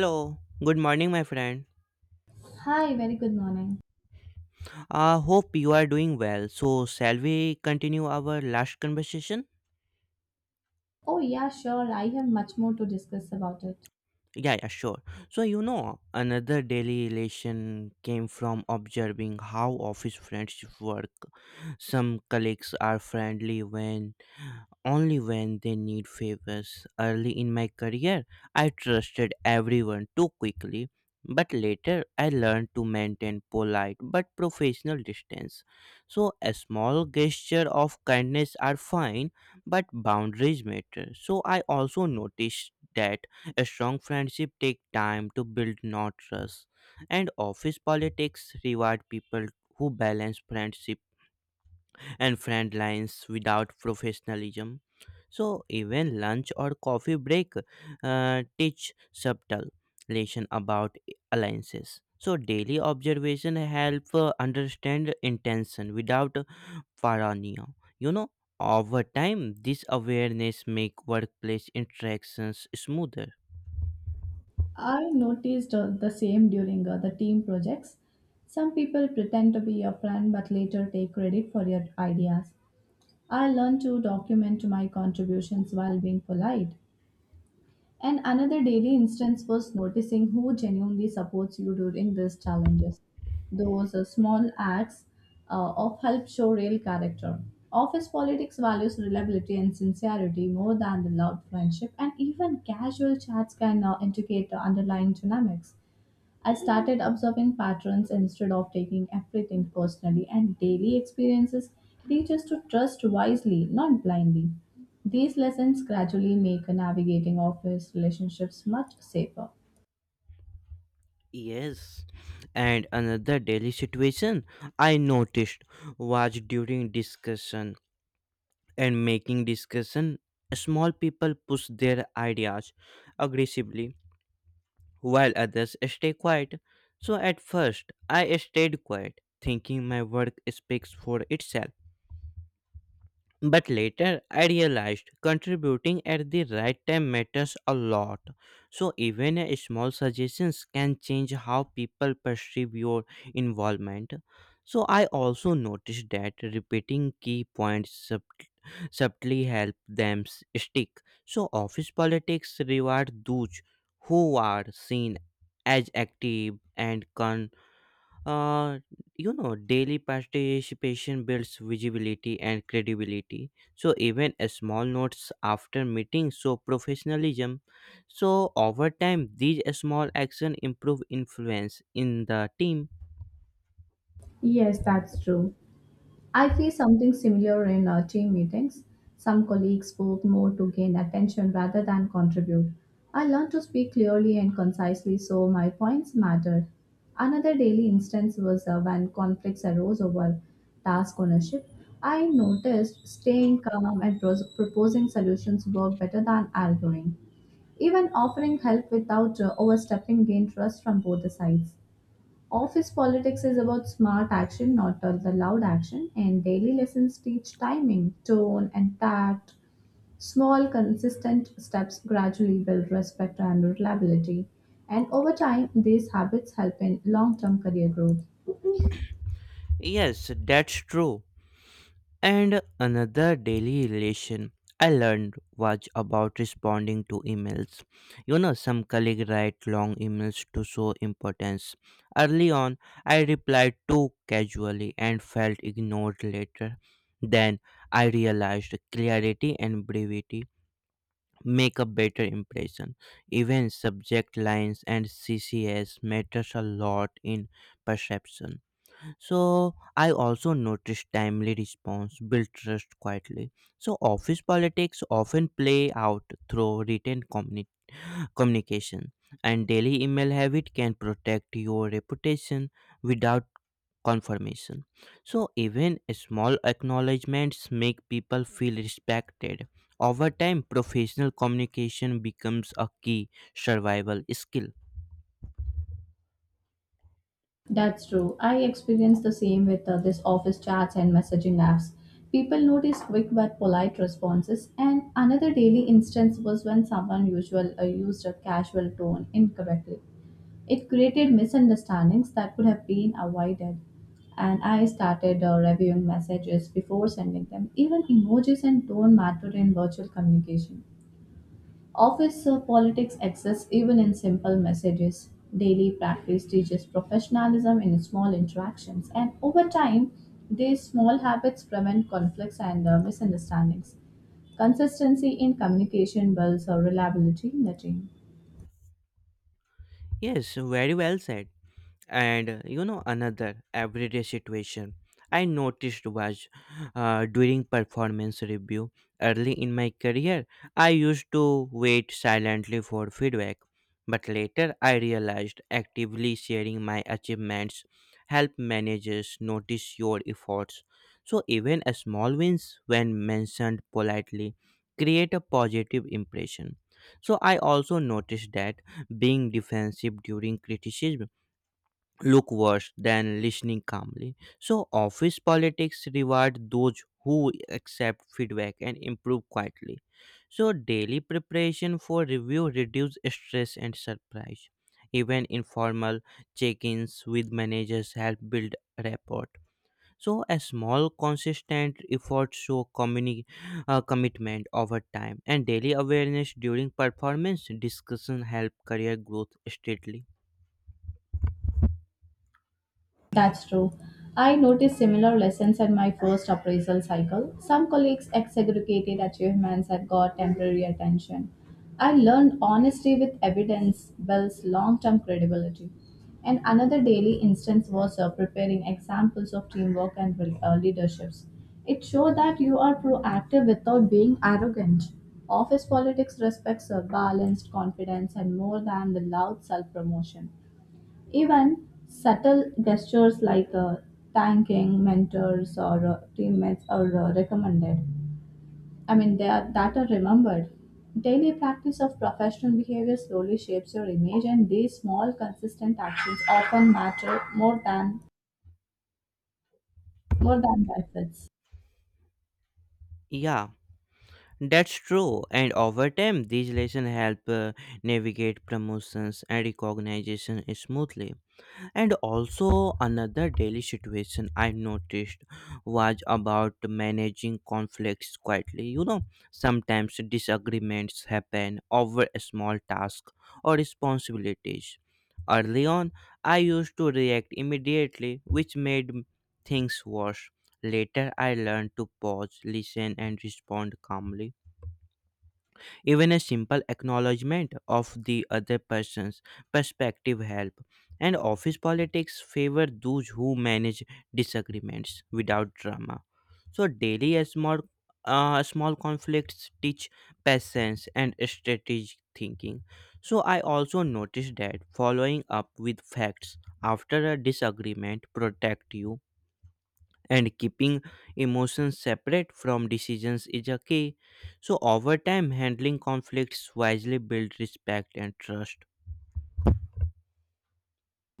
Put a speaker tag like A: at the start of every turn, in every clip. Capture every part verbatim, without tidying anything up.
A: Hello, good morning, my friend.
B: Hi, very good morning.
A: I hope you are doing well. So, shall we continue our last conversation?
B: Oh, yeah, sure. I have much more to discuss about it.
A: Yeah, yeah, sure. So, you know, another daily relation came from observing how office friendships work. Some colleagues are friendly when only when they need favors. Early in my career, I trusted everyone too quickly, but later I learned to maintain polite but professional distance. So, a small gesture of kindness are fine, but boundaries matter. So, I also noticed that a strong friendship take time to build, not trust. And office politics reward people who balance friendship and friend lines without professionalism. So even lunch or coffee break uh, teach subtle lesson about alliances. So daily observation help uh, understand intention without paranoia. You know, over time, this awareness make workplace interactions smoother.
B: I noticed uh, the same during uh, the team projects. Some people pretend to be your friend but later take credit for your ideas. I learned to document my contributions while being polite. And another daily instance was noticing who genuinely supports you during these challenges. Those uh, small acts uh, of help show real character. Office politics values reliability and sincerity more than the loud friendship, and even casual chats can uh, indicate the underlying dynamics. I started observing patterns instead of taking everything personally, and daily experiences teach us to trust wisely, not blindly. These lessons gradually make navigating office relationships much safer.
A: Yes, and another daily situation I noticed was during discussion and making discussion. Small people push their ideas aggressively while others stay quiet. So at first, I stayed quiet, thinking my work speaks for itself. But later I realized contributing at the right time matters a lot. So even a small suggestions can change how people perceive your involvement. So I also noticed that repeating key points sub- subtly help them s- stick. So office politics reward those who are seen as active and uh, you know daily participation builds visibility and credibility. So even a small notes after meeting show professionalism. So over time these small action improve influence in the team.
B: Yes, that's true. I feel something similar in uh, team meetings. Some colleagues spoke more to gain attention rather than contribute. I learned to speak clearly and concisely so my points mattered. Another daily instance was uh, when conflicts arose over task ownership. I noticed staying calm and pros- proposing solutions work better than arguing. Even offering help without uh, overstepping gained trust from both the sides. Office politics is about smart action, not all the loud action, and daily lessons teach timing, tone, and tact. Small, consistent steps gradually build respect and reliability. And over time, these habits help in long term career growth.
A: Yes, that's true. And another daily relation I learned was about responding to emails. You know, some colleagues write long emails to show importance. Early on, I replied too casually and felt ignored later. Then I realized clarity and brevity make a better impression. Even subject lines and C Cs matters a lot in perception. So I also noticed timely response build trust quietly. So office politics often play out through written communi- communication, and daily email habit can protect your reputation without confirmation. So even small acknowledgments make people feel respected. Over time, professional communication becomes a key survival skill.
B: That's true. I experienced the same with uh, this office chats and messaging apps. People notice quick but polite responses. And another daily instance was when someone usual uh, used a casual tone incorrectly. It created misunderstandings that could have been avoided. And I started uh, reviewing messages before sending them. Even emojis and tone mattered in virtual communication. Office uh, politics exists even in simple messages. Daily practice teaches professionalism in small interactions, and over time, these small habits prevent conflicts and uh, misunderstandings. Consistency in communication builds uh, reliability in the team.
A: Yes, very well said. And uh, you know, another everyday situation I noticed was uh, during performance review. Early in my career, I used to wait silently for feedback, but later I realized actively sharing my achievements help managers notice your efforts. So even a small wins when mentioned politely create a positive impression. So I also noticed that being defensive during criticism look worse than listening calmly. So, office politics reward those who accept feedback and improve quietly. So, daily preparation for review reduce stress and surprise. Even informal check ins with managers help build rapport. So, a small, consistent effort show communi- uh, commitment over time, and daily awareness during performance discussion help career growth steadily.
B: That's true. I noticed similar lessons at my first appraisal cycle. Some colleagues exaggerated achievements and got temporary attention. I learned honesty with evidence builds long term credibility. And another daily instance was uh, preparing examples of teamwork and re- uh, leaderships. It showed that you are proactive without being arrogant. Office politics respects a balanced confidence and more than the loud self promotion. Even subtle gestures like uh, thanking mentors or uh, teammates are uh, recommended. I mean, they are, that are remembered. Daily practice of professional behavior slowly shapes your image, and these small, consistent actions often matter more than more than benefits.
A: Yeah, that's true, and over time, these lessons help uh, navigate promotions and recognition smoothly. And also, another daily situation I noticed was about managing conflicts quietly. You know, sometimes disagreements happen over a small task or responsibilities. Early on, I used to react immediately, which made things worse. Later, I learned to pause, listen, and respond calmly. Even a simple acknowledgement of the other person's perspective help. And office politics favor those who manage disagreements without drama. So daily a small uh, small conflicts teach patience and strategic thinking. So I also noticed that following up with facts after a disagreement protect you, and keeping emotions separate from decisions is a key. So, over time, handling conflicts wisely builds respect and trust.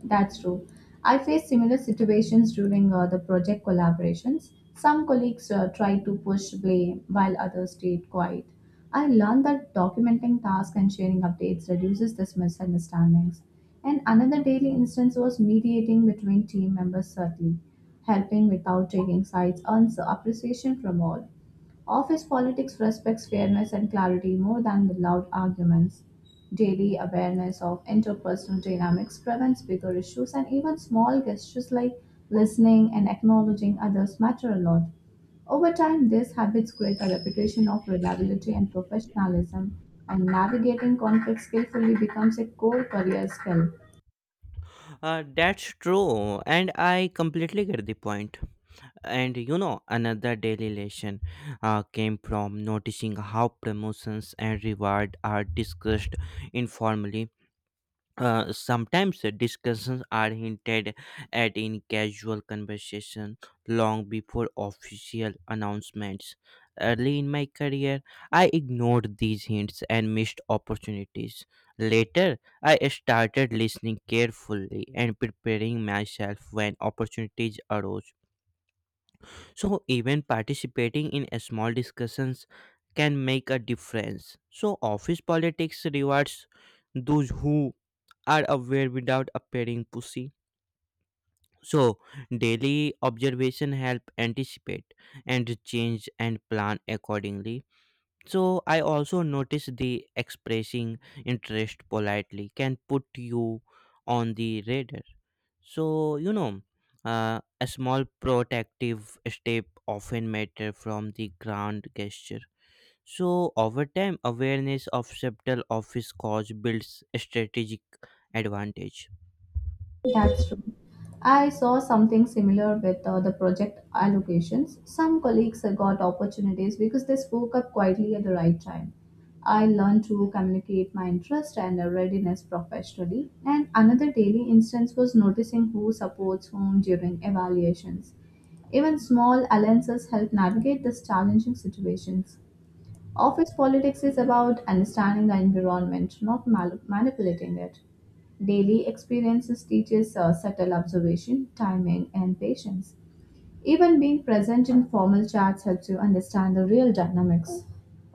B: That's true. I faced similar situations during uh, the project collaborations. Some colleagues uh, tried to push blame while others stayed quiet. I learned that documenting tasks and sharing updates reduces these misunderstandings. And another daily instance was mediating between team members, certainly, helping without taking sides earns appreciation from all. Office politics respects fairness and clarity more than the loud arguments. Daily awareness of interpersonal dynamics prevents bigger issues, and even small gestures like listening and acknowledging others matter a lot. Over time, these habits create a reputation of reliability and professionalism, and navigating conflict skillfully becomes a core career skill.
A: Uh, that's true, and I completely get the point. And you know, another daily lesson uh, came from noticing how promotions and reward are discussed informally. Uh, sometimes uh, discussions are hinted at in casual conversation long before official announcements. Early in my career, I ignored these hints and missed opportunities. Later, I started listening carefully and preparing myself when opportunities arose. So, even participating in a small discussions can make a difference. So, office politics rewards those who are aware without appearing pushy. So, daily observation help anticipate and change and plan accordingly. So, I also notice the expressing interest politely can put you on the radar. So, you know, uh, a small protective step often matter from the grand gesture. So, over time, awareness of subtle office cause builds strategic advantage.
B: That's true. I saw something similar with uh, the project allocations. Some colleagues uh, got opportunities because they spoke up quietly at the right time. I learned to communicate my interest and uh, readiness professionally. And another daily instance was noticing who supports whom during evaluations. Even small alliances help navigate these challenging situations. Office politics is about understanding the environment, not mal- manipulating it. Daily experiences teaches uh, subtle observation, timing, and patience. Even being present in formal chats helps you understand the real dynamics.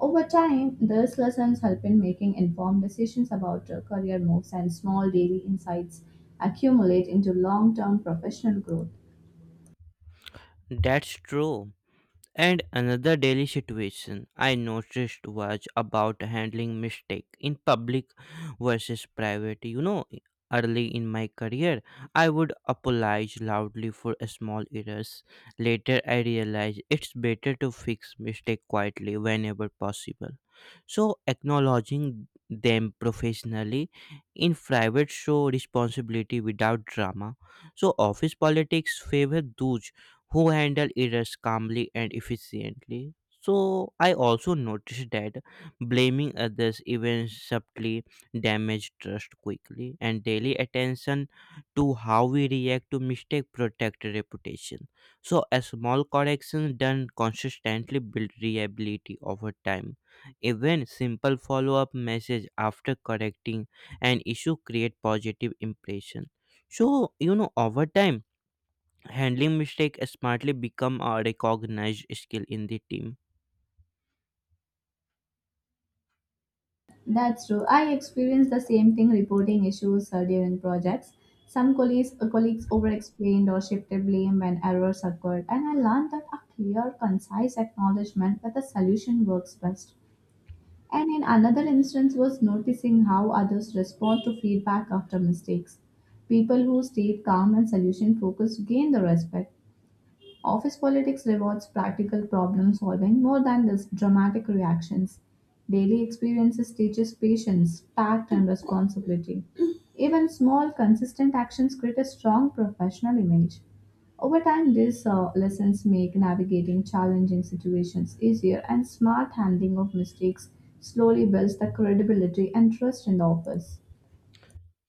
B: Over time, these lessons help in making informed decisions about uh, career moves and small daily insights accumulate into long-term professional growth.
A: That's true. And another daily situation I noticed was about handling mistake in public versus private. You know, early in my career, I would apologize loudly for small errors. Later, I realized it's better to fix mistake quietly whenever possible. So, acknowledging them professionally in private show responsibility without drama. So, office politics favor those who handle errors calmly and efficiently. So I also noticed that blaming others even subtly damage trust quickly, and daily attention to how we react to mistake protect reputation. So a small correction done consistently build reliability over time. Even simple follow-up message after correcting an issue create positive impression. So you know, over time, handling mistake smartly become a recognized skill in the team.
B: That's true. I experienced the same thing reporting issues uh, during projects. Some colleagues, uh, colleagues over explained or shifted blame when errors occurred, and I learned that a clear, concise acknowledgement that the solution works best. And in another instance, was noticing how others respond to feedback after mistakes. People who stayed calm and solution focused gained the respect. Office politics rewards practical problem solving more than this dramatic reactions. Daily experiences teaches patience, tact and responsibility. Even small consistent actions create a strong professional image. Over time, these uh, lessons make navigating challenging situations easier and smart handling of mistakes slowly builds the credibility and trust in the office.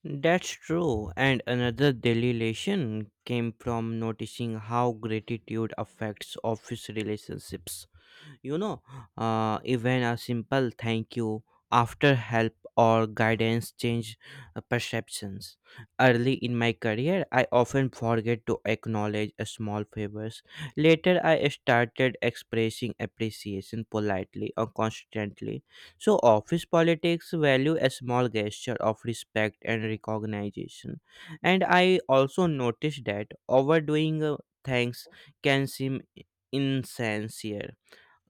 A: That's true, and another daily lesson came from noticing how gratitude affects office relationships. You know, uh, even a simple thank you after help or guidance change uh, perceptions. Early in my career, I often forget to acknowledge a small favors. Later, I started expressing appreciation politely or constantly. So, office politics value a small gesture of respect and recognition. And I also noticed that overdoing uh, thanks can seem insincere,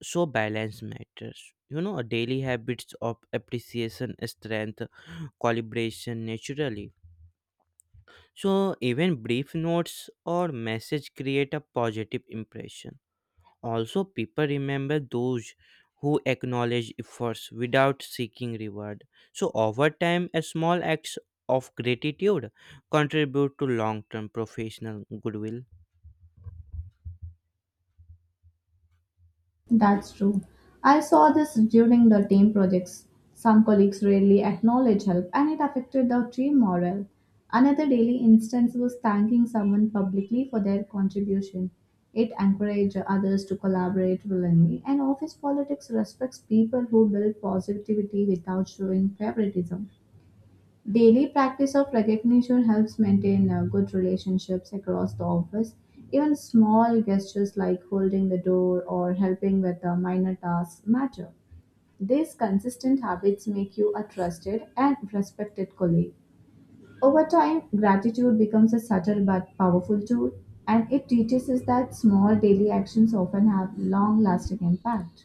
A: so balance matters. You know, daily habits of appreciation strength calibration naturally. So even brief notes or message create a positive impression. Also, people remember those who acknowledge efforts without seeking reward. So over time, a small acts of gratitude contribute to long term professional goodwill.
B: That's true. I saw this during the team projects. Some colleagues rarely acknowledge help and it affected the team morale. Another daily instance was thanking someone publicly for their contribution. It encouraged others to collaborate willingly, and office politics respects people who build positivity without showing favoritism. Daily practice of recognition helps maintain uh, good relationships across the office. Even small gestures like holding the door or helping with a minor tasks matter. These consistent habits make you a trusted and respected colleague. Over time, gratitude becomes a subtle but powerful tool, and it teaches us that small daily actions often have long lasting impact.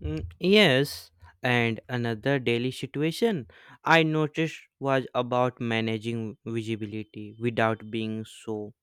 A: Mm, yes, and another daily situation I noticed was about managing visibility without being so,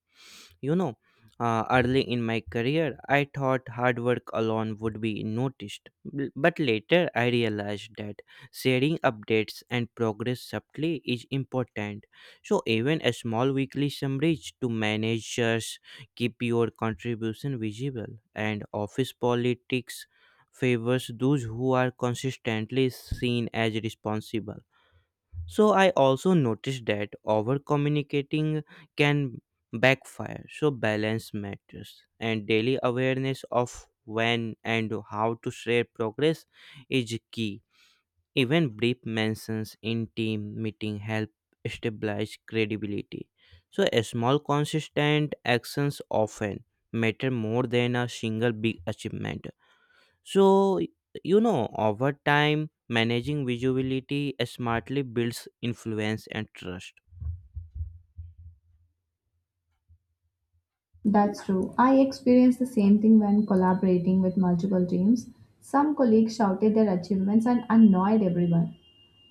A: you know, uh, early in my career, I thought hard work alone would be noticed, b- but later I realized that sharing updates and progress subtly is important. So, even a small weekly summaries to managers keep your contribution visible, and office politics favors those who are consistently seen as responsible. So I also noticed that over communicating can backfire. So balance matters, and daily awareness of when and how to share progress is key. Even brief mentions in team meeting help stabilize credibility. So a small consistent actions often matter more than a single big achievement. So, you know, over time, managing visibility smartly builds influence and trust.
B: That's true. I experienced the same thing when collaborating with multiple teams. Some colleagues shouted their achievements and annoyed everyone.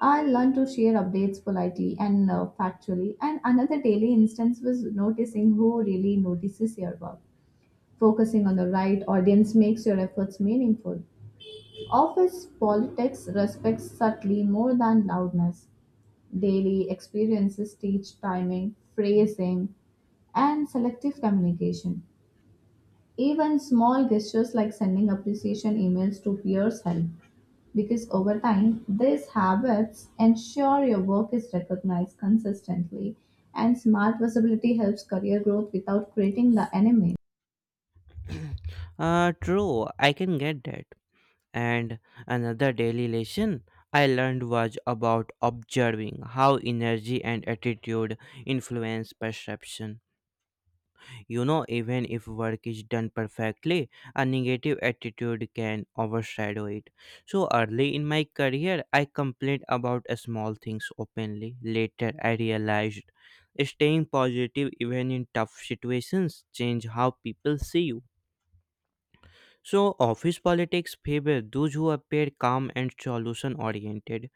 B: I learned to share updates politely and uh, factually. And another daily instance was noticing who really notices your work. Focusing on the right audience makes your efforts meaningful. Office politics respects subtlety more than loudness. Daily experiences teach timing, phrasing, and selective communication. Even small gestures like sending appreciation emails to peers help because over time, these habits ensure your work is recognized consistently, and smart visibility helps career growth without creating the enemy.
A: Uh, true, I can get that. And another daily lesson I learned was about observing how energy and attitude influence perception. You know, even if work is done perfectly, a negative attitude can overshadow it. So early in my career, I complained about uh, small things openly. Later, I realized staying positive even in tough situations change how people see you. So office politics favor those who appear calm and solution oriented.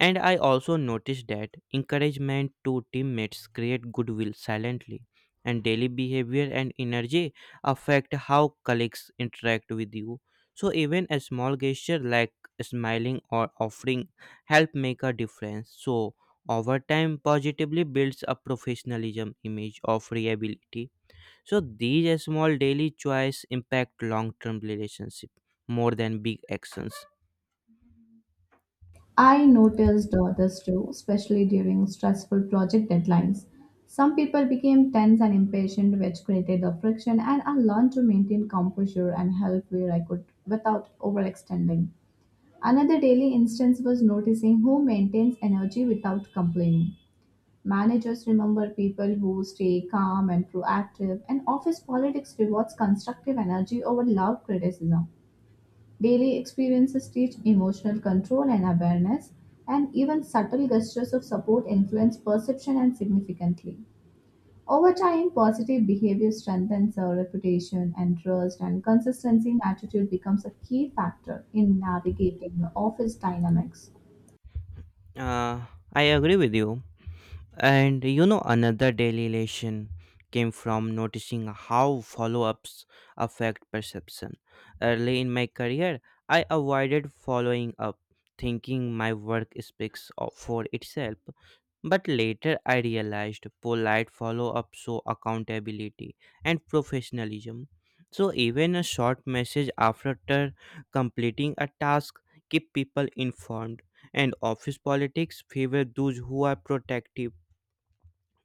A: And I also noticed that encouragement to teammates create goodwill silently, and daily behavior and energy affect how colleagues interact with you. So even a small gesture like smiling or offering help make a difference. So over time, positively builds a professionalism image of reliability. So these small daily choice impact long-term relationship more than big actions.
B: I noticed others too, especially during stressful project deadlines. Some people became tense and impatient, which created a friction, and I learned to maintain composure and help where I could without overextending. Another daily instance was noticing who maintains energy without complaining. Managers remember people who stay calm and proactive, and office politics rewards constructive energy over loud criticism. Daily experiences teach emotional control and awareness, and even subtle gestures of support influence perception and significantly. Over time, positive behavior strengthens our reputation and trust, and consistency in attitude becomes a key factor in navigating the office dynamics.
A: Uh, I agree with you. And you know, another daily elation came from noticing how follow ups affect perception. Early in my career, I avoided following up, thinking my work speaks o- for itself. But later, I realized polite follow up show accountability and professionalism. So, even a short message after completing a task keep people informed, and office politics favor those who are protective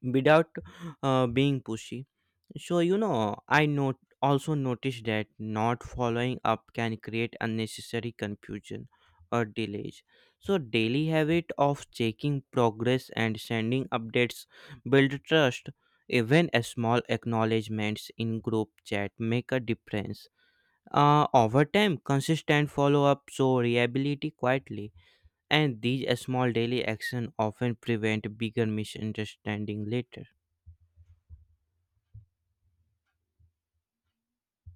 A: without uh, being pushy. So, you know, I not also noticed that not following up can create unnecessary confusion or delays. So, daily habit of checking progress and sending updates build trust. Even a small acknowledgements in group chat make a difference. Uh, over time, consistent follow up show reliability quietly, and these small daily action often prevent bigger misunderstanding later.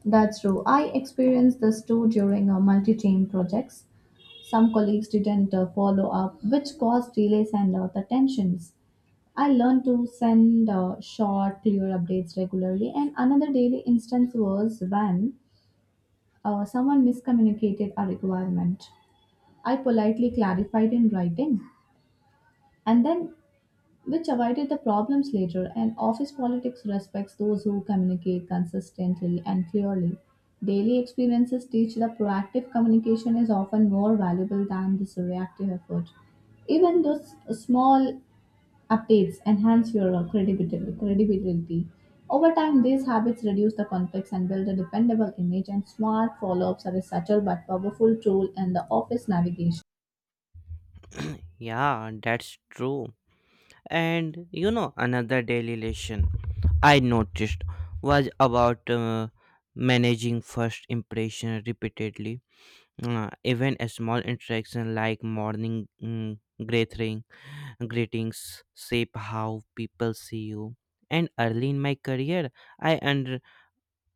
B: That's true. I experienced this too during uh, multi-team projects. Some colleagues didn't uh, follow up, which caused delays and uh, the tensions. I learned to send uh, short, clear updates regularly. And another daily instance was when uh, someone miscommunicated a requirement. I politely clarified in writing, and then which avoided the problems later, and office politics respects those who communicate consistently and clearly. Daily experiences teach that proactive communication is often more valuable than this reactive effort. Even those small updates enhance your uh, credibility. credibility. Over time, these habits reduce the conflicts and build a dependable image, and smart follow ups are a subtle but powerful tool in the office navigation.
A: Yeah, that's true. And you know, another daily lesson I noticed was about uh, managing first impression repeatedly. Uh, even a small interaction like morning mm, greeting, greetings shape how people see you. And early in my career, I under,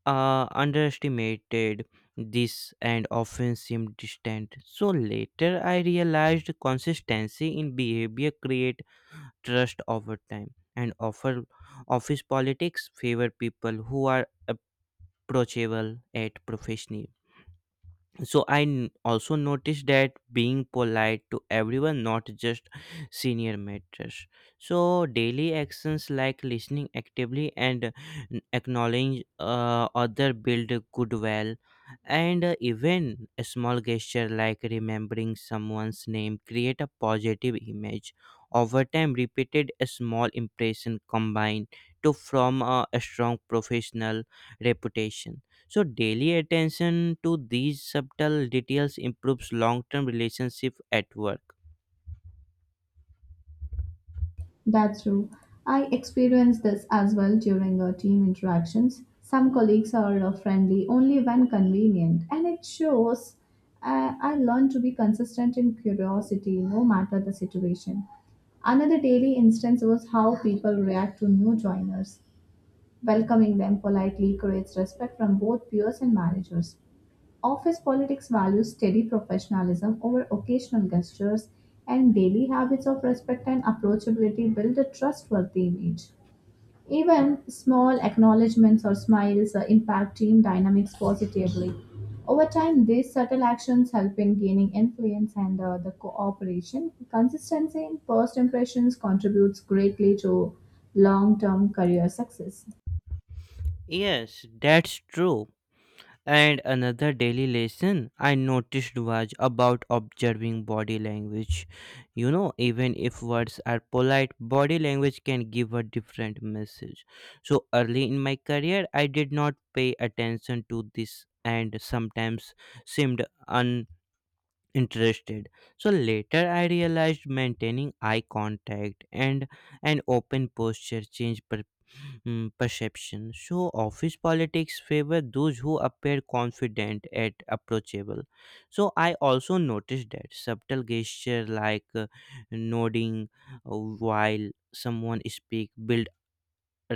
A: uh, underestimated this and often seemed distant. So later, I realized consistency in behavior created trust over time, and offer office politics favor people who are approachable at professional. So I n- also noticed that being polite to everyone, not just senior, matters. So daily actions like listening actively and n- acknowledging uh, other build a goodwill, and uh, even a small gesture like remembering someone's name create a positive image. Over time, repeated a small impression combined to form a a strong professional reputation. So daily attention to these subtle details improves long-term relationship at work.
B: That's true. I experienced this as well during uh, team interactions. Some colleagues are uh, friendly only when convenient, and it shows. Uh, I learned to be consistent in curiosity no matter the situation. Another daily instance was how people react to new joiners. Welcoming them politely creates respect from both peers and managers. Office politics values steady professionalism over occasional gestures, and daily habits of respect and approachability build a trustworthy image. Even small acknowledgements or smiles uh, impact team dynamics positively. Over time, these subtle actions help in gaining influence and uh, the cooperation. Consistency in first impressions contributes greatly to long term career success.
A: Yes, that's true. And another daily lesson I noticed was about observing body language. You know, even if words are polite, body language can give a different message. So early in my career, I did not pay attention to this and sometimes seemed interested. So later I realized maintaining eye contact and an open posture change per, mm, perception. So office politics favor those who appear confident and approachable. So I also noticed that subtle gesture like uh, nodding uh, while someone speak build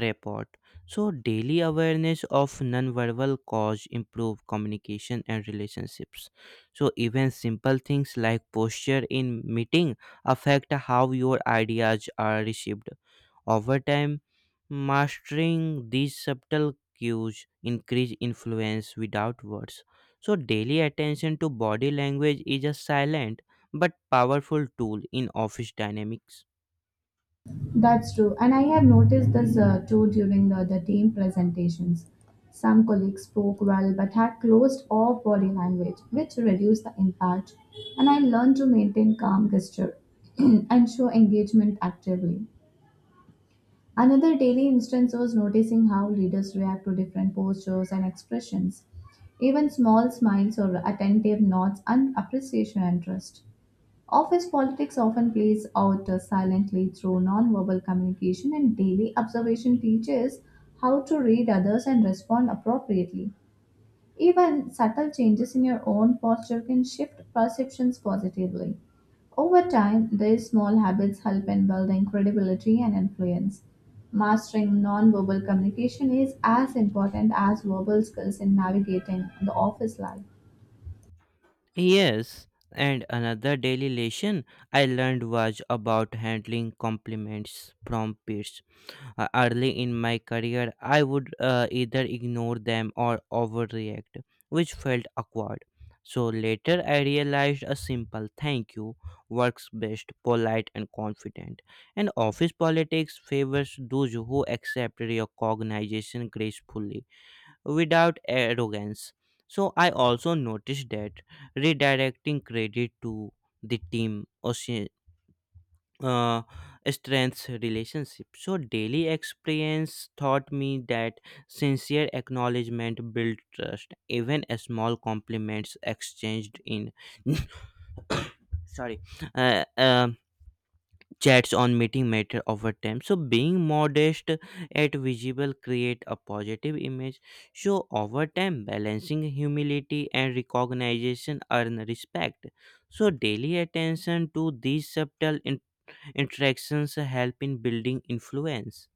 A: report. So daily awareness of nonverbal cause improve communication and relationships. So even simple things like posture in meeting affect how your ideas are received. Over time, mastering these subtle cues increase influence without words. So daily attention to body language is a silent but powerful tool in office dynamics.
B: That's true. And I have noticed this uh, too during the, the team presentations. Some colleagues spoke well but had closed off body language, which reduced the impact. And I learned to maintain calm gesture and show engagement actively. Another daily instance was noticing how leaders react to different postures and expressions. Even small smiles or attentive nods and appreciation and trust. Office politics often plays out uh, silently through nonverbal communication, and daily observation teaches how to read others and respond appropriately. Even subtle changes in your own posture can shift perceptions positively. Over time, these small habits help in building credibility and influence. Mastering nonverbal communication is as important as verbal skills in navigating the office life.
A: Yes, and another daily lesson I learned was about handling compliments from peers. Uh, early in my career, I would uh, either ignore them or overreact, which felt awkward. So later, I realized a simple thank you works best, polite and confident. And office politics favors those who accept recognition gracefully without arrogance. So I also noticed that redirecting credit to the team or uh, strengths relationship. So daily experience taught me that sincere acknowledgement build trust. Even a small compliments exchanged in sorry uh, um chats on meeting matter over time, so being modest at visible create a positive image, so over time balancing humility and recognition earn respect, so daily attention to these subtle in- interactions help in building influence.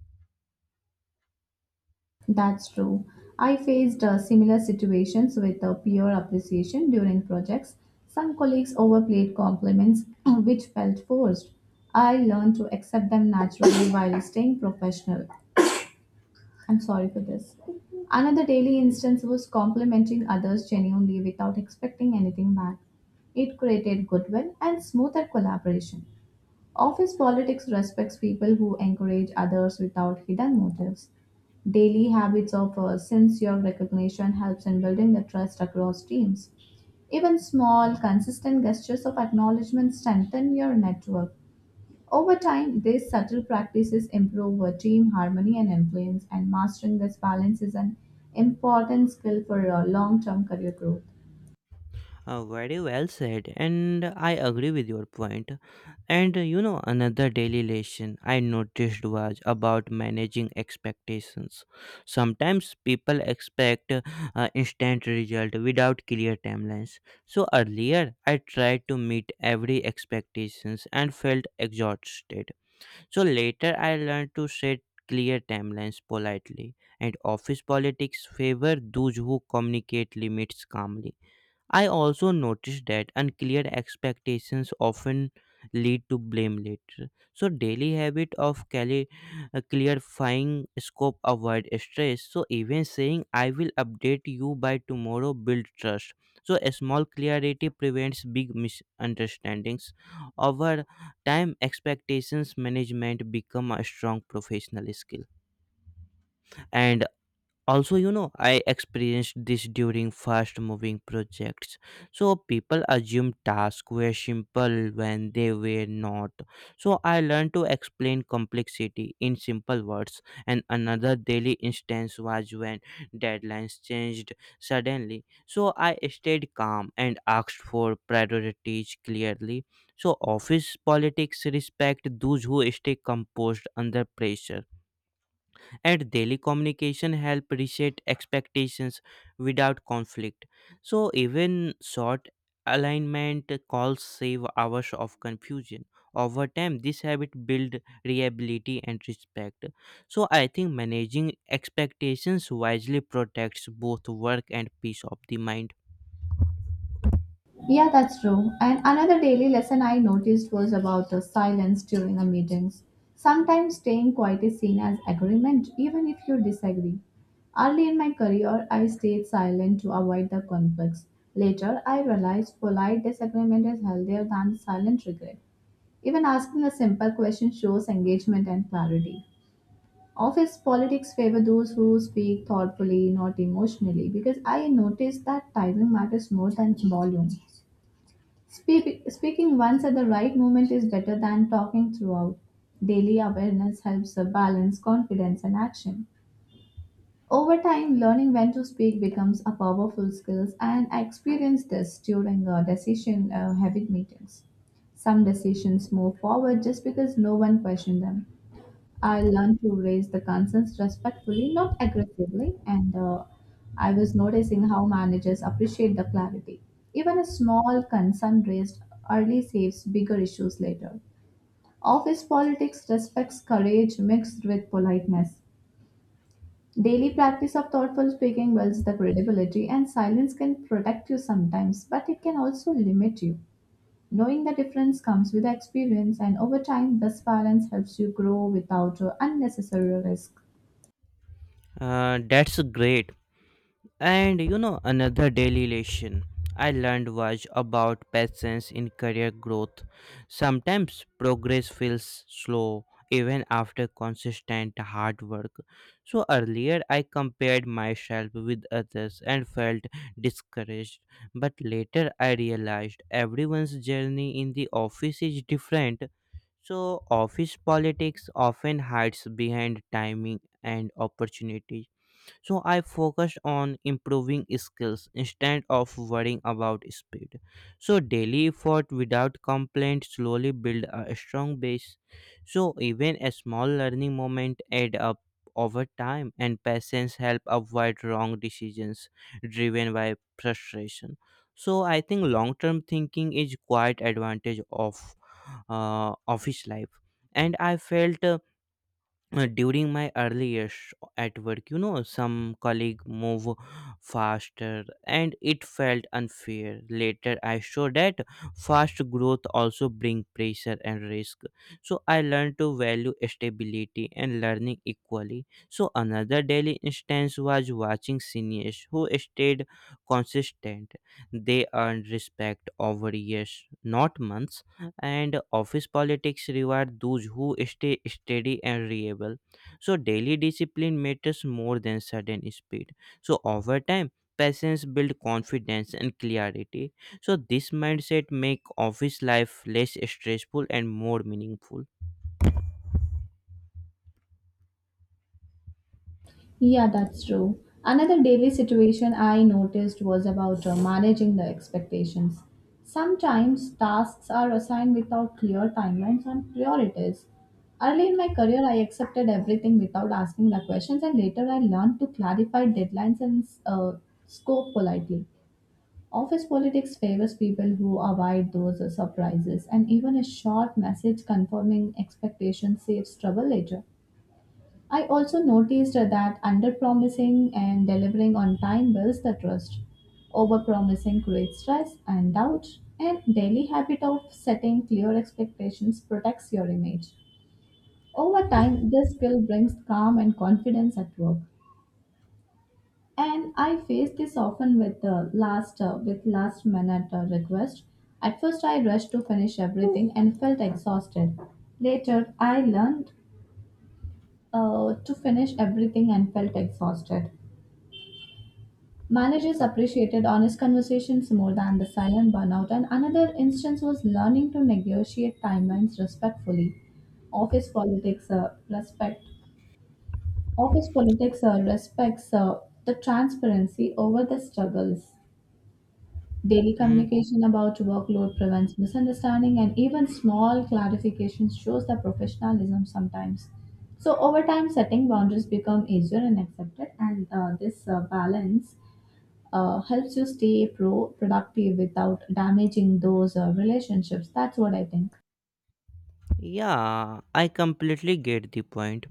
B: That's true. I faced uh, similar situations with uh, peer appreciation during projects. Some colleagues overplayed compliments, which felt forced. I learned to accept them naturally while staying professional. I'm sorry for this. Another daily instance was complimenting others genuinely without expecting anything back. It created goodwill and smoother collaboration. Office politics respects people who encourage others without hidden motives. Daily habits of uh, sincere recognition helps in building the trust across teams. Even small, consistent gestures of acknowledgement strengthen your network. Over time, these subtle practices improve uh, team harmony and influence, and mastering this balance is an important skill for uh, long-term career growth.
A: Uh, very well said, and I agree with your point. And uh, you know, another daily lesson I noticed was about managing expectations. Sometimes people expect uh, uh, instant result without clear timelines. So earlier, I tried to meet every expectations and felt exhausted. So later, I learned to set clear timelines politely, and office politics favor those who communicate limits calmly. I also noticed that unclear expectations often lead to blame later. So daily habit of cali- uh, clarifying scope avoid stress. So even saying I will update you by tomorrow build trust. So a small clarity prevents big misunderstandings. Over time expectations management become a strong professional skill. And also, you know, I experienced this during fast moving projects, so people assumed tasks were simple when they were not, so I learned to explain complexity in simple words. And another daily instance was when deadlines changed suddenly, so I stayed calm and asked for priorities clearly, so office politics respect those who stay composed under pressure, and daily communication help reset expectations without conflict, so even short alignment calls save hours of confusion. Over time this habit build reliability and respect, so I think managing expectations wisely protects both work and peace of the mind.
B: Yeah, that's true. And another daily lesson I noticed was about the silence during the meetings. Sometimes staying quiet is seen as agreement, even if you disagree. Early in my career, I stayed silent to avoid the conflicts. Later, I realized polite disagreement is healthier than silent regret. Even asking a simple question shows engagement and clarity. Office politics favor those who speak thoughtfully, not emotionally, because I noticed that timing matters more than volume. Speak, speaking once at the right moment is better than talking throughout. Daily awareness helps uh, balance confidence and action. Over time, learning when to speak becomes a powerful skill, and I experienced this during uh, decision uh, heavy meetings. Some decisions move forward just because no one questioned them. I learned to raise the concerns respectfully, not aggressively, and uh, I was noticing how managers appreciate the clarity. Even a small concern raised early saves bigger issues later. Office politics respects courage mixed with politeness. Daily practice of thoughtful speaking builds the credibility, and silence can protect you sometimes, but it can also limit you. Knowing the difference comes with experience, and over time, this balance helps you grow without uh, unnecessary risk.
A: Uh, that's great. And you know, another daily lesson I learned was about patience in career growth. Sometimes progress feels slow even after consistent hard work. So earlier I compared myself with others and felt discouraged, but later I realized everyone's journey in the office is different. So office politics often hides behind timing and opportunities, so I focused on improving skills instead of worrying about speed, so daily effort without complaint slowly build a strong base, so even a small learning moment add up over time, and patience help avoid wrong decisions driven by frustration. So I think long term thinking is quite advantage of uh, office life. And I felt uh, uh, during my early years at work, you know, some colleague move faster and it felt unfair. Later I saw that fast growth also bring pressure and risk, so I learned to value stability and learning equally. So another daily instance was watching seniors who stayed consistent. They earned respect over years not months, and office politics reward those who stay steady and reliable. So daily discipline matters more than sudden speed. So over time, patience builds confidence and clarity. So this mindset make office life less stressful and more meaningful.
B: Yeah, that's true. Another daily situation I noticed was about uh, managing the expectations. Sometimes tasks are assigned without clear timelines and priorities. Early in my career, I accepted everything without asking the questions, and later I learned to clarify deadlines and uh, scope politely. Office politics favors people who avoid those uh, surprises, and even a short message confirming expectations saves trouble later. I also noticed that underpromising and delivering on time builds the trust. Overpromising creates stress and doubt, and daily habit of setting clear expectations protects your image. Over time, this skill brings calm and confidence at work. And I face this often with the last uh, with last minute uh, request. At first, I rushed to finish everything and felt exhausted. Later, I learned uh, to finish everything and felt exhausted. Managers
A: Huh.
B: appreciated honest conversations more than the silent burnout, and another instance was learning to negotiate timelines respectfully. Office politics uh, respect office politics uh, respects uh, the transparency over the struggles. Daily
A: Mm,
B: communication about workload prevents misunderstanding, and even small clarifications shows the professionalism sometimes. So over time, setting boundaries become easier and accepted, and uh, this uh, balance uh, helps you stay pro productive without damaging those uh, relationships. That's what I think.
A: yeah, I completely get the point.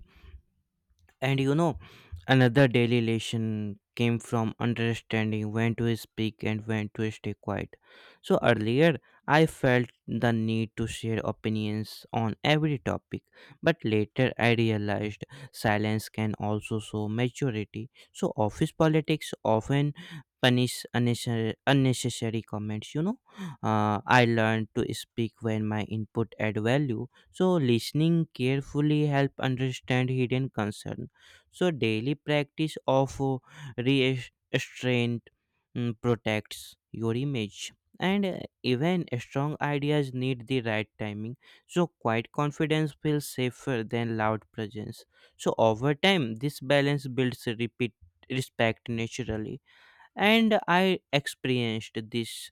A: And you know, another daily lesson came from understanding when to speak and when to stay quiet. So earlier, I felt the need to share opinions on every topic, but later I realized silence can also show maturity. So office politics often punish unnecessary, unnecessary comments, you know. uh, I learned to speak when my input add value, so listening carefully help understand hidden concern, so daily practice of uh, restraint mm, protects your image. And uh, even strong ideas need the right timing. So quiet confidence feels safer than loud presence. So over time, this balance builds repeat respect naturally. And I experienced this,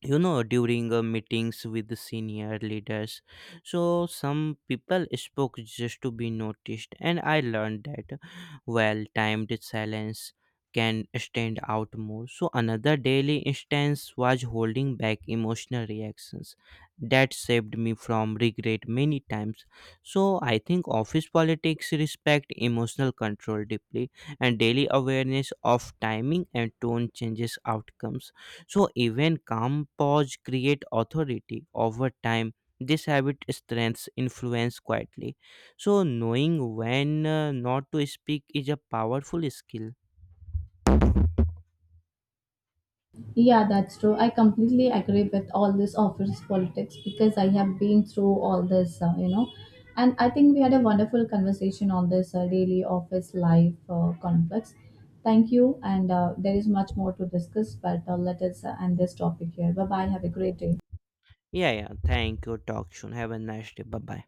A: you know, during uh, meetings with the senior leaders, so some people spoke just to be noticed and I learned that well timed silence can stand out more. So another daily instance was holding back emotional reactions that saved me from regret many times. So I think office politics respect emotional control deeply, and daily awareness of timing and tone changes outcomes, so even calm pause create authority. Over time, this habit strengthens influence quietly. So knowing when uh, not to speak is a powerful skill.
B: Yeah, that's true. I completely agree with all this office politics because I have been through all this, uh, you know. And I think we had a wonderful conversation on this uh, daily office life uh, complex. Thank you. And uh, there is much more to discuss, but uh, let us uh, end this topic here. Bye bye. Have a great day.
A: Yeah, yeah. Thank you. Talk soon. Have a nice day. Bye bye.